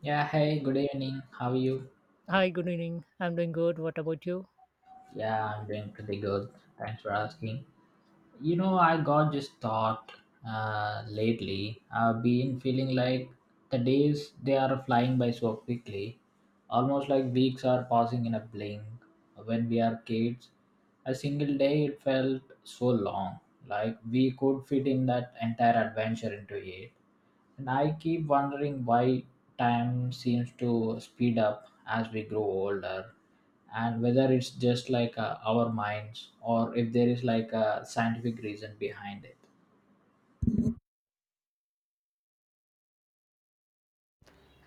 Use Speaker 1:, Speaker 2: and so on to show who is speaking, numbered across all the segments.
Speaker 1: Yeah, hey, good evening. How are you?
Speaker 2: Hi, good evening. I'm doing good. What about you?
Speaker 1: Yeah, I'm doing pretty good. Thanks for asking. You know, I got this thought lately. I've been feeling like the days they are flying by so quickly, almost like weeks are passing in a blink. When we are kids, a single day it felt so long, like we could fit in that entire adventure into it. And I keep wondering why time seems to speed up as we grow older and whether it's just like our minds or if there is like a scientific reason behind it.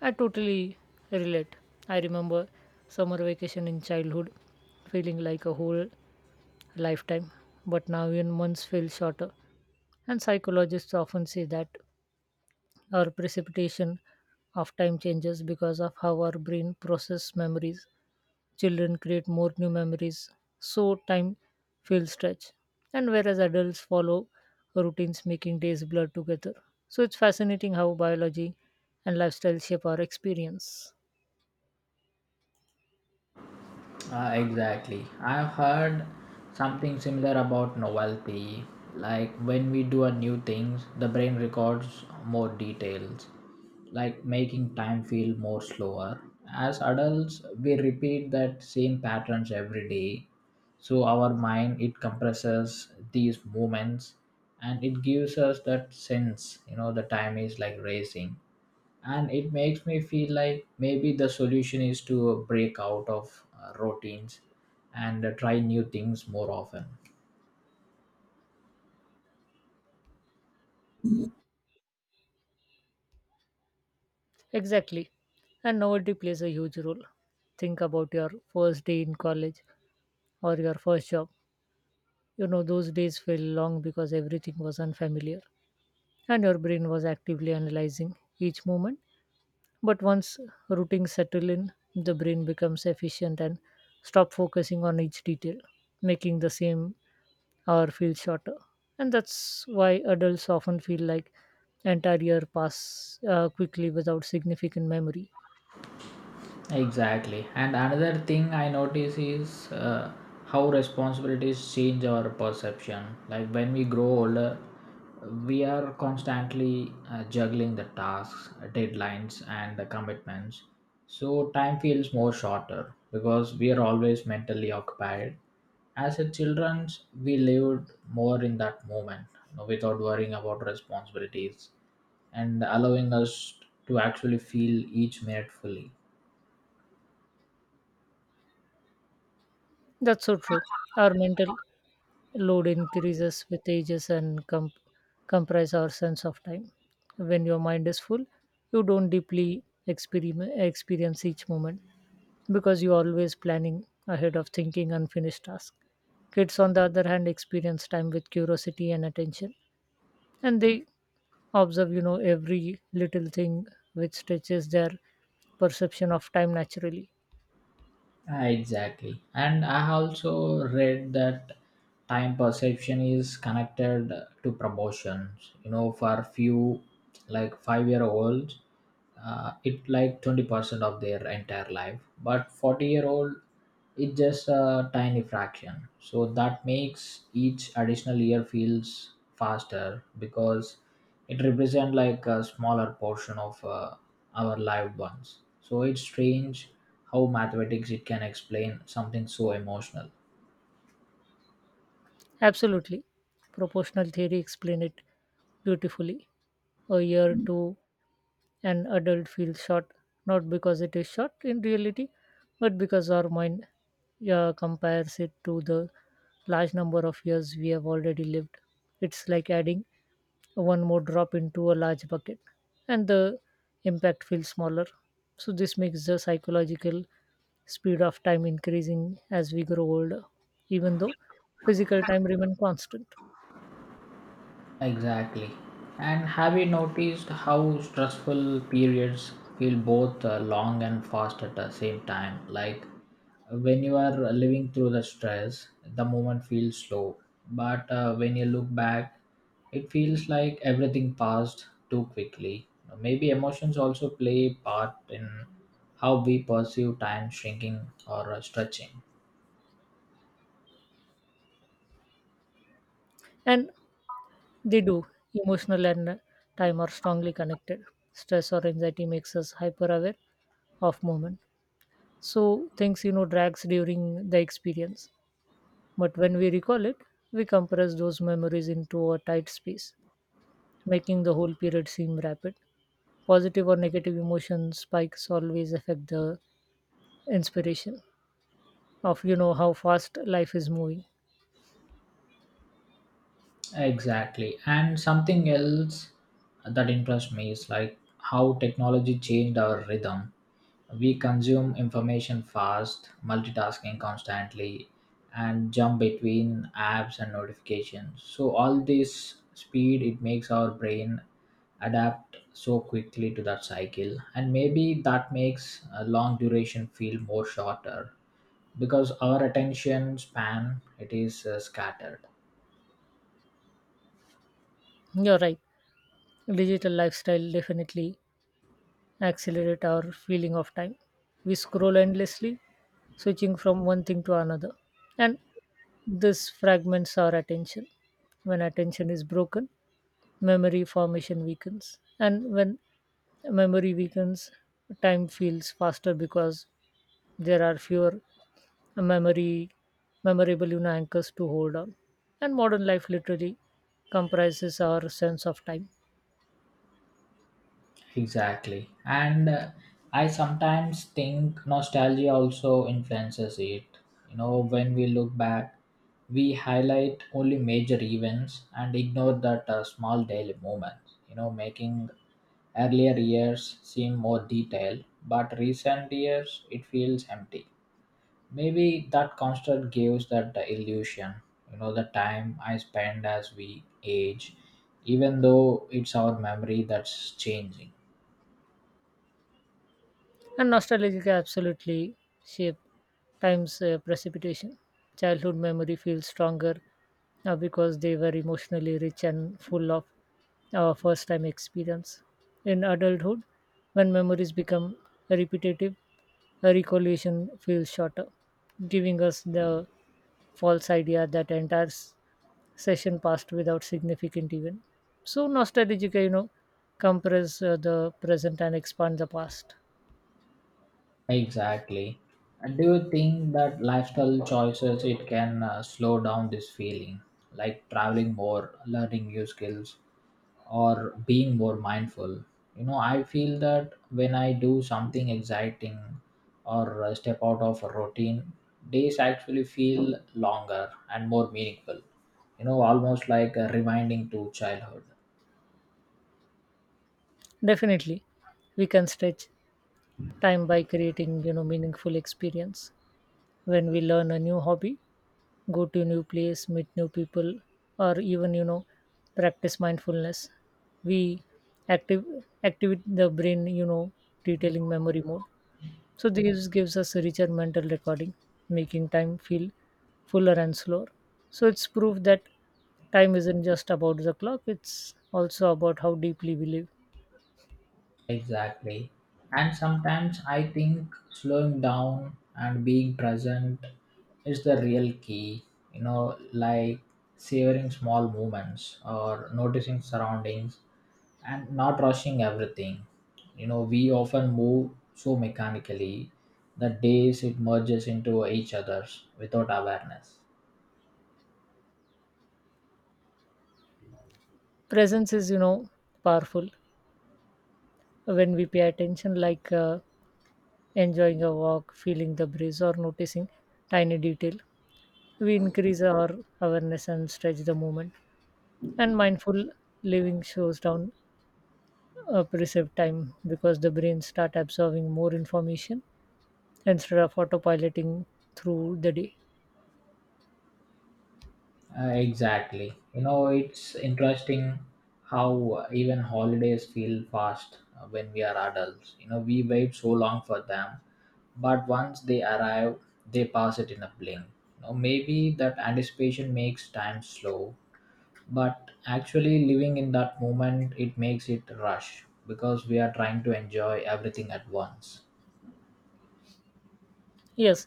Speaker 2: I totally relate. I remember summer vacation in childhood feeling like a whole lifetime, but now even months feel shorter. And psychologists often say that our precipitation of time changes because of how our brain processes memories. Children create more new memories, so time feels stretched. And whereas adults follow routines, making days blur together. So it's fascinating how biology and lifestyle shape our experience.
Speaker 1: Exactly. I've heard something similar about novelty. Like when we do a new things, the brain records more details, like making time feel more slower. As adults, we repeat that same patterns every day. So our mind it compresses these moments and it gives us that sense, you know, the time is like racing and it makes me feel like maybe the solution is to break out of routines and try new things more often.
Speaker 2: Exactly. And novelty plays a huge role. Think about your first day in college or your first job. You know, those days feel long because everything was unfamiliar and your brain was actively analyzing each moment. But once routines settle in, the brain becomes efficient and stop focusing on each detail, making the same hour feel shorter. And that's why adults often feel like entire year pass quickly without significant memory.
Speaker 1: Exactly. And another thing I notice is how responsibilities change our perception. Like when we grow older, we are constantly juggling the tasks, deadlines, and the commitments. So time feels more shorter because we are always mentally occupied. As a children, we lived more in that moment, you know, without worrying about responsibilities and allowing us to actually feel each minute fully.
Speaker 2: That's so true. Our mental load increases with ages and comprise our sense of time. When your mind is full, you don't deeply experience each moment because you are always planning ahead of thinking unfinished tasks. Kids, on the other hand, experience time with curiosity and attention, and they observe, you know, every little thing which stretches their perception of time naturally.
Speaker 1: Ah, exactly. And I have also read that time perception is connected to promotions. You know, for few like 5-year olds, it like 20% of their entire life. But 40-year year old it's just a tiny fraction so that makes each additional year feels faster because it represents like a smaller portion of our lived ones so it's strange how mathematics it can explain something so emotional.
Speaker 2: Absolutely. Proportional theory explain it beautifully. A year to an adult feels short not because it is short in reality but because our mind compares it to the large number of years we have already lived. It's like adding one more drop into a large bucket, and the impact feels smaller. So this makes the psychological speed of time increasing as we grow older even though physical time remains constant.
Speaker 1: Exactly. And have you noticed how stressful periods feel both long and fast at the same time? Like when you are living through the stress, the moment feels slow. But when you look back, it feels like everything passed too quickly. Maybe emotions also play a part in how we perceive time shrinking or stretching.
Speaker 2: And They do. Emotional and time are strongly connected. Stress or anxiety makes us hyper aware of movement. So things, you know, drags during the experience. But when we recall it, we compress those memories into a tight space, making the whole period seem rapid. Positive or negative emotion spikes always affect the inspiration of, you know, how fast life is moving.
Speaker 1: Exactly. And something else that interests me is like how technology changed our rhythm. We consume information fast, multitasking constantly, and jump between apps and notifications. So, all this speed, it makes our brain adapt so quickly to that cycle. And maybe that makes a long duration feel more shorter because our attention span it is scattered.
Speaker 2: You're right. Digital lifestyle definitely accelerate our feeling of time. We scroll endlessly switching from one thing to another. And this fragments our attention. When attention is broken, memory formation weakens. And when memory weakens, time feels faster because there are fewer memory memorable, you know, anchors to hold on. And modern life literally comprises our sense of time.
Speaker 1: Exactly. And I sometimes think nostalgia also influences it. You know, when we look back, we highlight only major events and ignore that small daily moments, you know, making earlier years seem more detailed, but recent years it feels empty. Maybe that construct gives that the illusion, you know, the time I spend as we age, even though it's our memory that's changing.
Speaker 2: And nostalgia can absolutely shape time's precipitation. Childhood memory feels stronger because they were emotionally rich and full of our first time experience. In adulthood, when memories become repetitive, a recollection feels shorter, giving us the false idea that entire session passed without significant event. So nostalgia, you know, compress the present and expand the past.
Speaker 1: Exactly. And do you think that lifestyle choices it can slow down this feeling, like traveling more, learning new skills, or being more mindful? You know, I feel that when I do something exciting or step out of a routine, days actually feel longer and more meaningful. You know, almost like a reminding to childhood.
Speaker 2: Definitely, we can stretch time by creating, you know, meaningful experience. When we learn a new hobby, go to a new place, meet new people, or even, you know, practice mindfulness, we active activate the brain, you know, detailing memory mode. So this gives us a richer mental recording, making time feel fuller and slower. So it's proof that time isn't just about the clock; it's also about how deeply we live.
Speaker 1: Exactly. And sometimes I think slowing down and being present is the real key, you know, like savoring small moments or noticing surroundings and not rushing everything. You know, we often move so mechanically that days it merges into each other's without awareness.
Speaker 2: Presence is, you know, powerful when we pay attention, like enjoying a walk, feeling the breeze or noticing tiny detail. We increase our awareness and stretch the movement, and mindful living shows down a perceived time because the brain start absorbing more information instead of autopiloting through the day.
Speaker 1: Exactly. You know, it's interesting how even holidays feel fast when we are adults. You know, we wait so long for them, but once they arrive, they pass it in a blink. You know, maybe that anticipation makes time slow, but actually living in that moment, it makes it rush because we are trying to enjoy everything at once.
Speaker 2: Yes,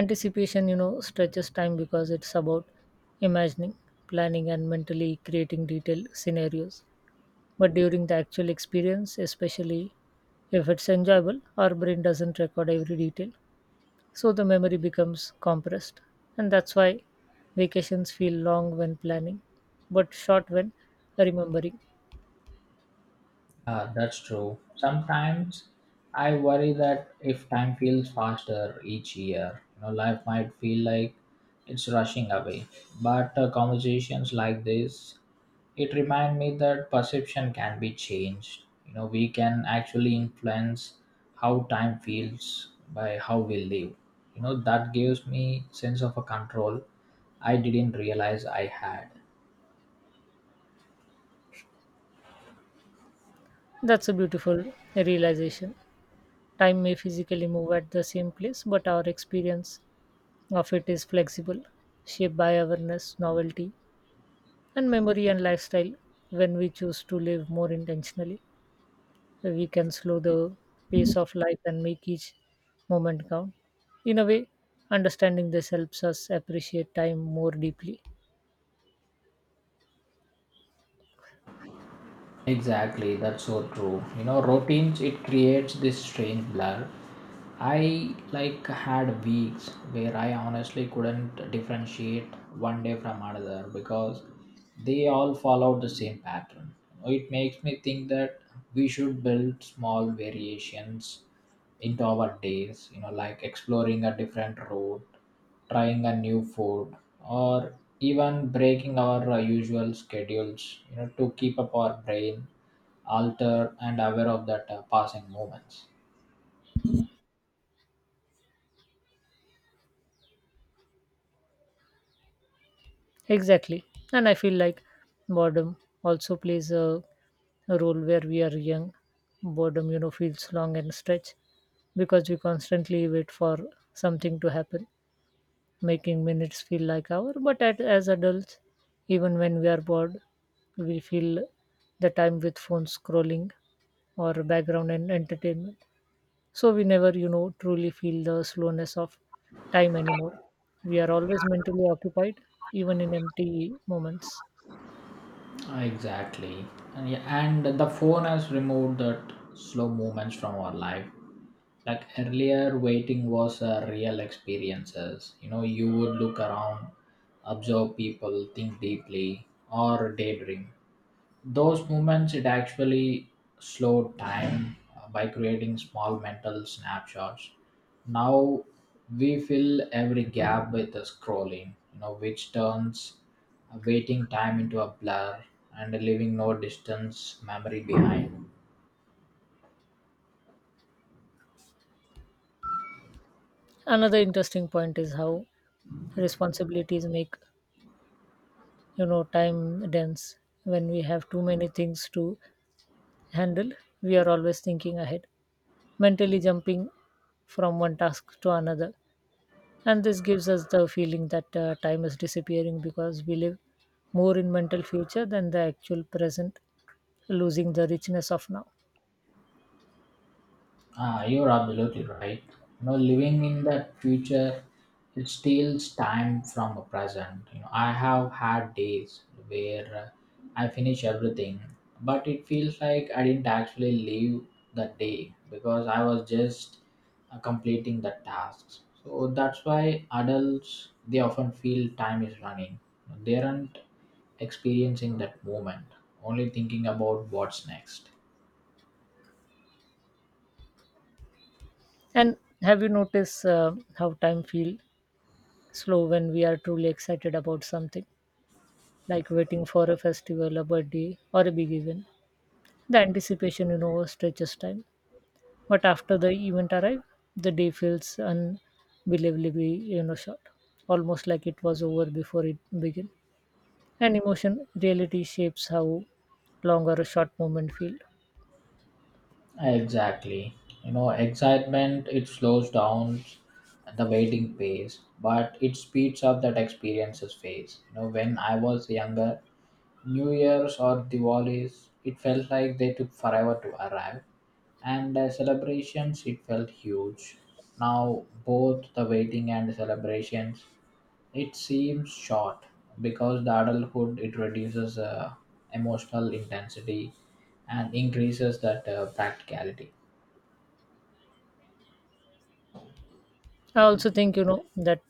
Speaker 2: anticipation, you know, stretches time because it's about imagining, planning and mentally creating detailed scenarios. But during the actual experience, especially if it's enjoyable, our brain doesn't record every detail, so the memory becomes compressed. And that's why vacations feel long when planning, but short when remembering.
Speaker 1: Ah, that's true. Sometimes I worry that if time feels faster each year, you know, life might feel like it's rushing away. But conversations like this, it remind me that perception can be changed. You know, we can actually influence how time feels by how we live. You know, that gives me sense of a control I didn't realize I had.
Speaker 2: That's a beautiful realization. Time may physically move at the same place, but our experience of it is flexible, shaped by awareness, novelty, and memory and lifestyle when we choose to live more intentionally. So we can slow the pace of life and make each moment count. In a way, understanding this helps us appreciate time more deeply.
Speaker 1: Exactly, that's so true. You know, routines it creates this strange blur. I like had weeks where I honestly couldn't differentiate one day from another because they all followed the same pattern. It makes me think that we should build small variations into our days, you know, like exploring a different road, trying a new food, or even breaking our usual schedules, you know, to keep up our brain altered and aware of that passing moments.
Speaker 2: Exactly. And I feel like boredom also plays a role where we are young. Boredom, you know, feels long and stretch because we constantly wait for something to happen, making minutes feel like hour. But as adults, even when we are bored, we fill the time with phone scrolling or background and entertainment, so we never, you know, truly feel the slowness of time anymore. We are always mentally occupied even in empty moments.
Speaker 1: Exactly. And, yeah, and the phone has removed that slow movements from our life, like earlier waiting was a real experiences. You know, you would look around, observe people, think deeply, or daydream. Those moments it actually slowed time by creating small mental snapshots. Now we fill every gap with the scrolling, you know, which turns a waiting time into a blur and leaving no distance memory behind.
Speaker 2: Another interesting point is how responsibilities make, you know, time dense. When we have too many things to handle, we are always thinking ahead, mentally jumping from one task to another. And this gives us the feeling that time is disappearing because we live more in mental future than the actual present, losing the richness of now.
Speaker 1: Ah, you're absolutely right. You know, living in that future, it steals time from the present. You know, I have had days where I finish everything, but it feels like I didn't actually live that day because I was just completing the tasks. So that's why adults they often feel time is running. They aren't experiencing that moment, only thinking about what's next.
Speaker 2: And have you noticed how time feels slow when we are truly excited about something, like waiting for a festival, a birthday, or a big event? The anticipation, you know, stretches time. But after the event arrived, the day feels unbelievably, you know, short, almost like it was over before it began. And emotion reality shapes how long or a short moment feel.
Speaker 1: Exactly. You know, excitement it slows down the waiting pace, but it speeds up that experiences phase. You know, when I was younger, New Year's or Diwali's, it felt like they took forever to arrive, and celebrations it felt huge. Now both the waiting and the celebrations, it seems short because the adulthood it reduces emotional intensity and increases that practicality.
Speaker 2: I also think, you know, that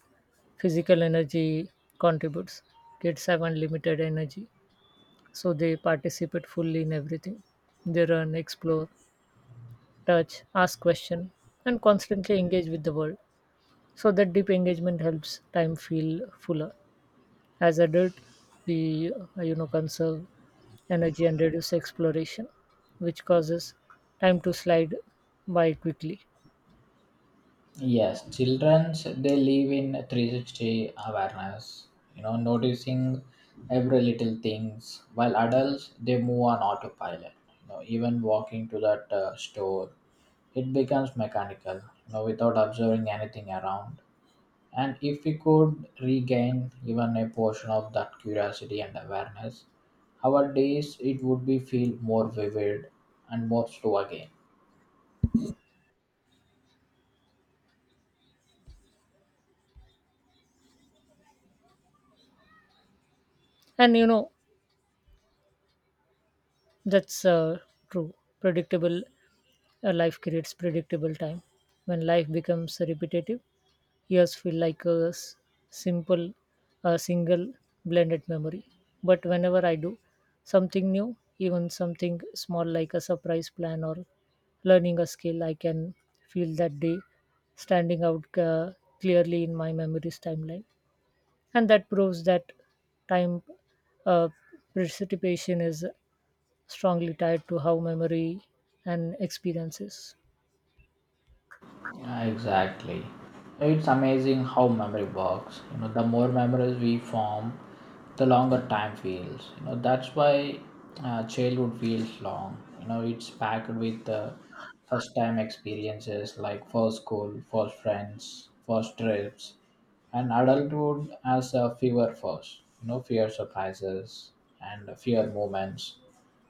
Speaker 2: physical energy contributes. Kids have unlimited energy, so they participate fully in everything. They run, explore, touch, ask question, and constantly engage with the world. So that deep engagement helps time feel fuller. As adult, we you know, conserve energy and reduce exploration, which causes time to slide by quickly.
Speaker 1: Yes, children they live in 360 awareness, you know, noticing every little things, while adults they move on autopilot. You know, even walking to that store, it becomes mechanical, you know, without observing anything around. And if we could regain even a portion of that curiosity and awareness, our days it would be feel more vivid and more slow again.
Speaker 2: And you know, that's true. Predictable life creates predictable time. When life becomes repetitive, years feel like a simple, a single blended memory. But whenever I do something new, even something small like a surprise plan or learning a skill, I can feel that day standing out clearly in my memory's timeline. And that proves that time uh, precipitation is strongly tied to how memory and experiences.
Speaker 1: Yeah, exactly. It's amazing how memory works. You know, the more memories we form, the longer time feels. You know, that's why childhood feels long. You know, it's packed with first time experiences like first school, first friends, first trips, and adulthood has fewer first. You know, fewer surprises and fewer moments.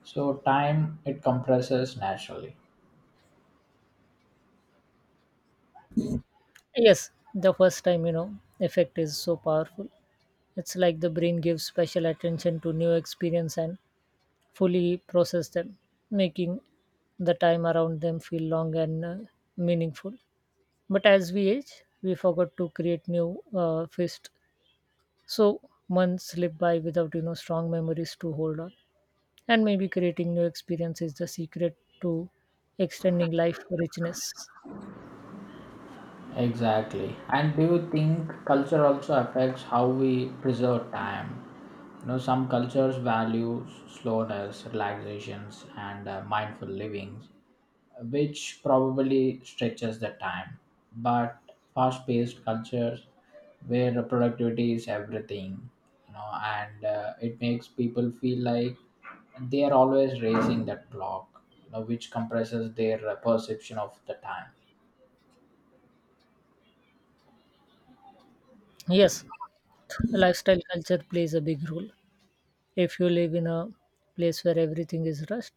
Speaker 1: So time it compresses naturally.
Speaker 2: Yes, the first time, you know, effect is so powerful. It's like the brain gives special attention to new experience and fully process them, making the time around them feel long and meaningful. But as we age, we forgot to create new fist. So months slip by without, you know, strong memories to hold on. And maybe creating new experience is the secret to extending life richness.
Speaker 1: Exactly. And do you think culture also affects how we preserve time? You know, some cultures value slowness, relaxations, and mindful living, which probably stretches the time. But fast paced cultures where productivity is everything, you know, and it makes people feel like they are always racing that clock, you know, which compresses their perception of the time.
Speaker 2: Yes, lifestyle culture plays a big role. If you live in a place where everything is rushed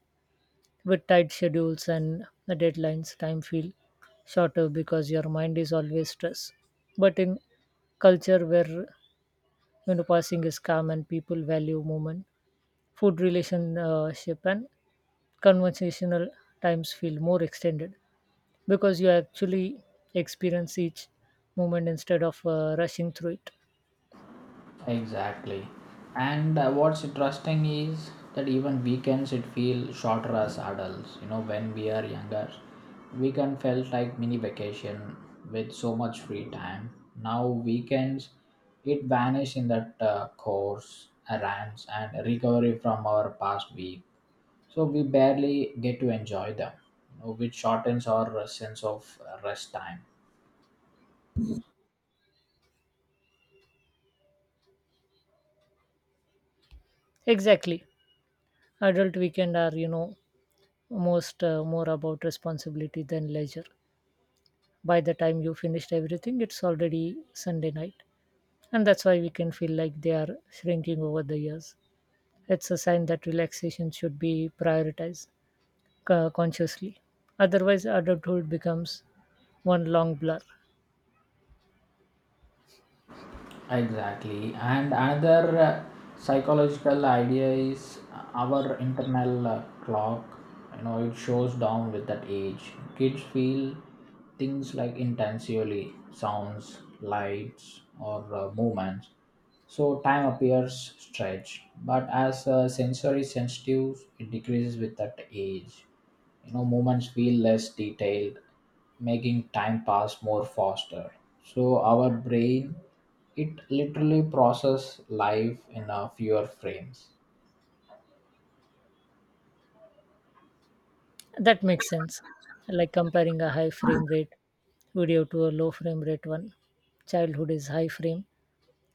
Speaker 2: with tight schedules and deadlines, time feel shorter because your mind is always stressed. But in culture where, you know, passing is calm and people value movement, food relationship and conversational times feel more extended because you actually experience each moment instead of rushing through it.
Speaker 1: Exactly. And what's interesting is that even weekends it feel shorter as adults. You know, when we are younger, weekend felt like mini vacation with so much free time. Now weekends, it vanish in that course, errands, and recovery from our past week. So we barely get to enjoy them, you know, which shortens our sense of rest time.
Speaker 2: Exactly, adult weekend are, you know, most more about responsibility than leisure. By the time you finished everything, it's already Sunday night, and that's why we can feel like they are shrinking over the years. It's a sign that relaxation should be prioritized consciously. Otherwise, adulthood becomes one long blur.
Speaker 1: Exactly. And another psychological idea is our internal clock. You know, it shows down with that age. Kids feel things like intensely sounds, lights, or movements. So time appears stretched, but as a sensory sensitive, it decreases with that age. You know, moments feel less detailed, making time pass more faster. So our brain, it literally process life in a fewer frames.
Speaker 2: That makes sense. Like comparing a high frame rate video to a low frame rate one. Childhood is high frame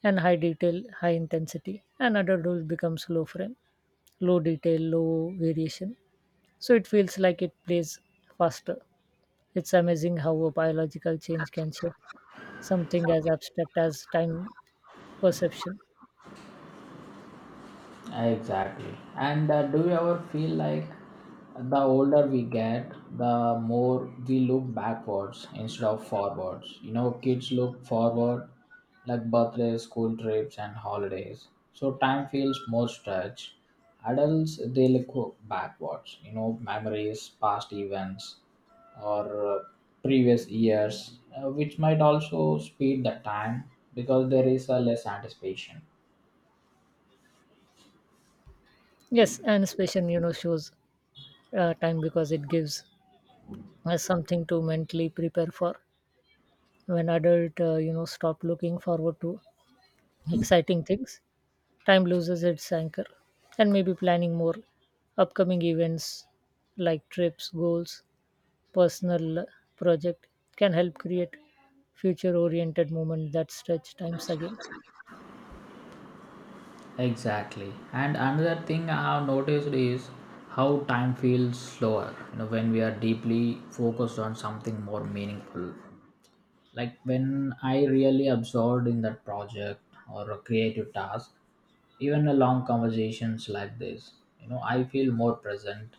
Speaker 2: and high detail, high intensity, and adulthood becomes low frame, low detail, low variation. So it feels like it plays faster. It's amazing how a biological change can shape something as abstract as time perception.
Speaker 1: Exactly. And do you ever feel like the older we get, the more we look backwards instead of forwards? You know, kids look forward like birthdays, school trips, and holidays. So time feels more stretched. Adults, they look backwards, you know, memories, past events, or previous years, which might also speed the time because there is a less anticipation.
Speaker 2: Yes, and spatial, you know, shows time because it gives us something to mentally prepare for. When adult, you know, stop looking forward to exciting things, time loses its anchor, and maybe planning more upcoming events like trips, goals, personal project can help create future oriented movement that stretch times again.
Speaker 1: Exactly. And another thing I have noticed is how time feels slower, you know, when we are deeply focused on something more meaningful, like when I really absorbed in that project or a creative task, even a long conversations like this, you know, I feel more present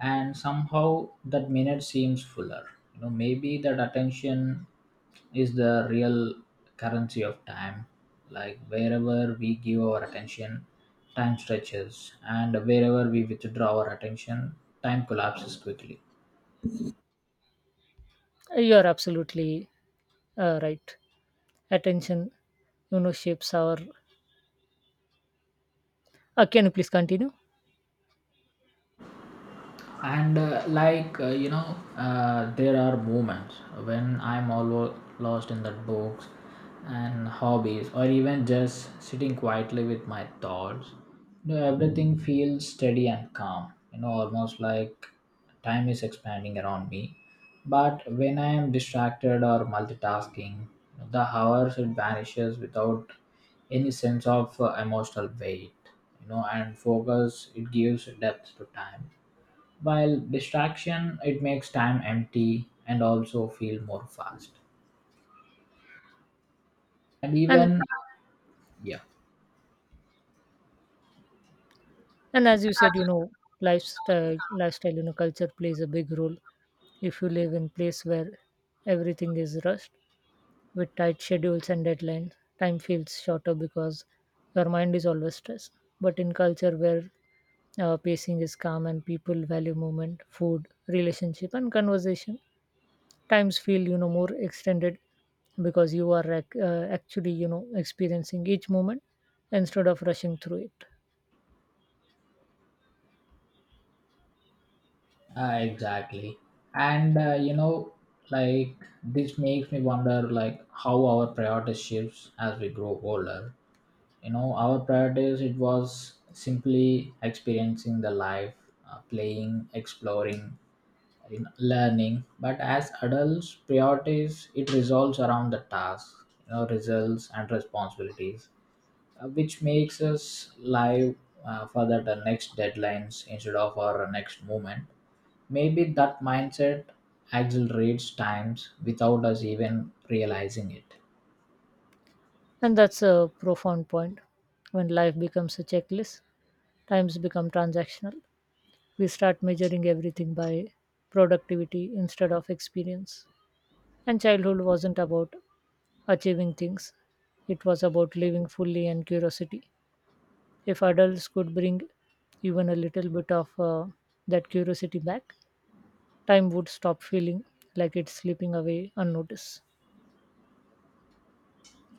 Speaker 1: and somehow that minute seems fuller. You know, maybe that attention is the real currency of time, like wherever we give our attention time stretches and wherever we withdraw our attention time collapses quickly.
Speaker 2: You are absolutely right. Attention, you know, shapes our can you please continue.
Speaker 1: And there are moments when I'm all lost in the books and hobbies or even just sitting quietly with my thoughts. You know, everything feels steady and calm, you know, almost like time is expanding around me. But when I am distracted or multitasking, the hours it vanishes without any sense of emotional weight. You know, and focus it gives depth to time while distraction, it makes time empty and also feel more fast. And
Speaker 2: And
Speaker 1: even, yeah,
Speaker 2: and as you said, you know, lifestyle, you know, culture plays a big role. If you live in place where everything is rushed with tight schedules and deadlines, time feels shorter because your mind is always stressed. But in culture where pacing is calm and people value movement, food relationship and conversation, times feel, you know, more extended because you are actually, you know, experiencing each moment instead of rushing through it.
Speaker 1: exactly. And you know, like this makes me wonder, like how our priorities shifts as we grow older. You know, our priorities it was simply experiencing the life, playing, exploring, you know, learning. But as adults, priorities it revolves around the task, you know, results and responsibilities, which makes us live for that next deadlines instead of our next movement. Maybe that mindset accelerates times without us even realizing it.
Speaker 2: And that's a profound point. When life becomes a checklist, times become transactional. We start measuring everything by productivity instead of experience. And childhood wasn't about achieving things; it was about living fully and curiosity. If adults could bring even a little bit of that curiosity back, time would stop feeling like it's slipping away unnoticed.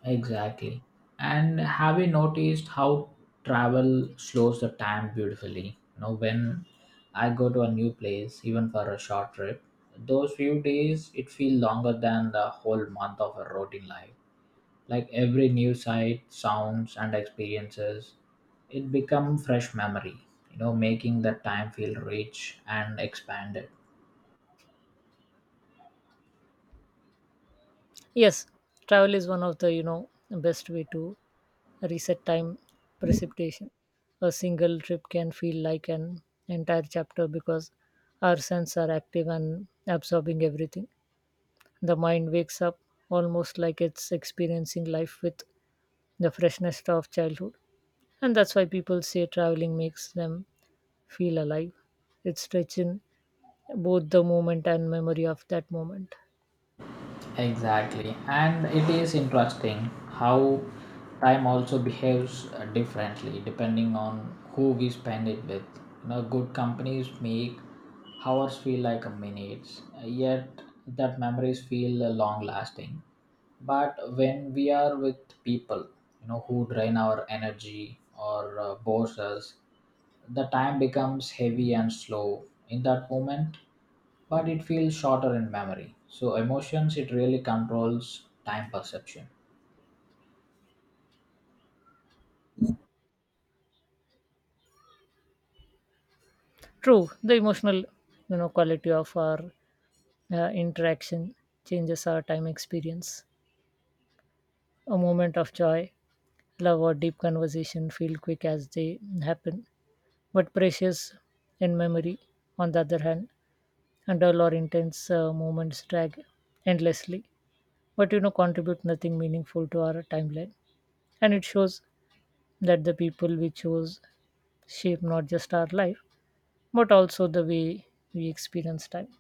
Speaker 1: Exactly. And have you noticed how travel slows the time beautifully? You know, when I go to a new place, even for a short trip, those few days it feels longer than the whole month of a routine life, like every new sight sounds and experiences it become fresh memory, you know, making that time feel rich and expanded.
Speaker 2: Yes, travel is one of the, you know, best way to reset time precipitation. A single trip can feel like an entire chapter because our senses are active and absorbing everything. The mind wakes up almost like it's experiencing life with the freshness of childhood. And that's why people say traveling makes them feel alive. It's stretching both the moment and memory of that moment.
Speaker 1: Exactly, and it is interesting how time also behaves differently depending on who we spend it with. You know, good companies make hours feel like a minutes, yet that memories feel long lasting. But when we are with people, you know, who drain our energy or bores us, the time becomes heavy and slow. In that moment, but it feels shorter in memory. So emotions it really controls time perception.
Speaker 2: True, the emotional, you know, quality of our interaction changes our time experience. A moment of joy, love, or deep conversation feel quick as they happen, but precious in memory. On the other hand, and dull or intense moments drag endlessly, but, you know, contribute nothing meaningful to our timeline. And it shows that the people we choose shape not just our life, but also the way we experience time.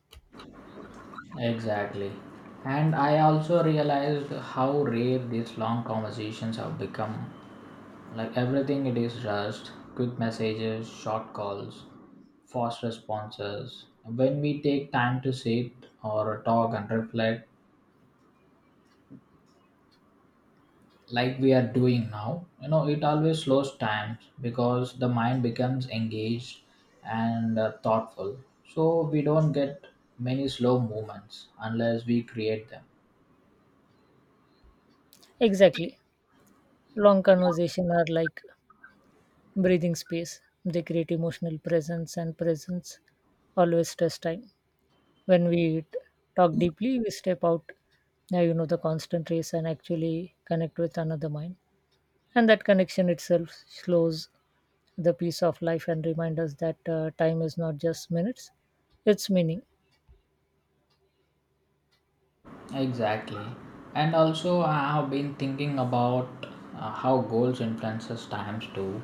Speaker 1: Exactly. And I also realized how rare these long conversations have become. Like everything it is rushed, quick messages, short calls, fast responses. When we take time to sit or talk and reflect, like we are doing now, you know, it always slows time because the mind becomes engaged and thoughtful, so we don't get many slow movements unless we create them.
Speaker 2: Exactly. Long conversation are like breathing space. They create emotional presence and presence always stress time. When we talk deeply, we step out, you know, the constant race and actually connect with another mind. And that connection itself slows the pace of life and reminds us that time is not just minutes, it's meaning.
Speaker 1: Exactly. And also, I have been thinking about how goals influences times too.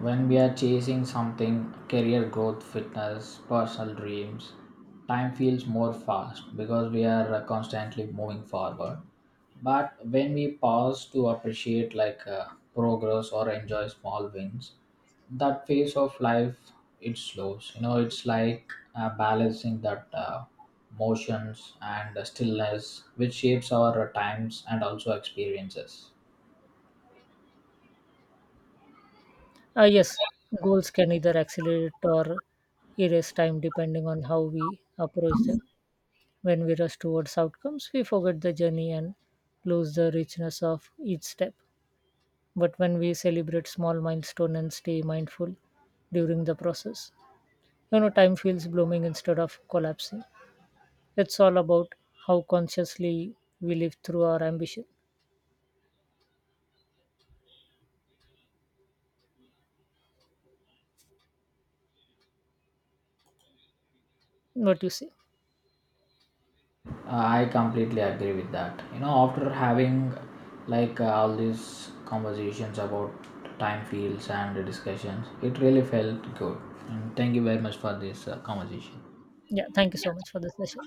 Speaker 1: When we are chasing something, career growth, fitness, personal dreams, time feels more fast because we are constantly moving forward. But when we pause to appreciate like progress or enjoy small wins, that phase of life it slows, you know, it's like balancing that motions and the stillness which shapes our times and also experiences.
Speaker 2: Yes, goals can either accelerate or erase time depending on how we approach them. When we rush towards outcomes, we forget the journey and lose the richness of each step. But when we celebrate small milestone and stay mindful during the process, you know, time feels blooming instead of collapsing. It's all about how consciously we live through our ambition. What do you say?
Speaker 1: I completely agree with that. You know, after having like all these conversations about time fields and discussions, it really felt good, and thank you very much for this conversation.
Speaker 2: Yeah, thank you so much for this session.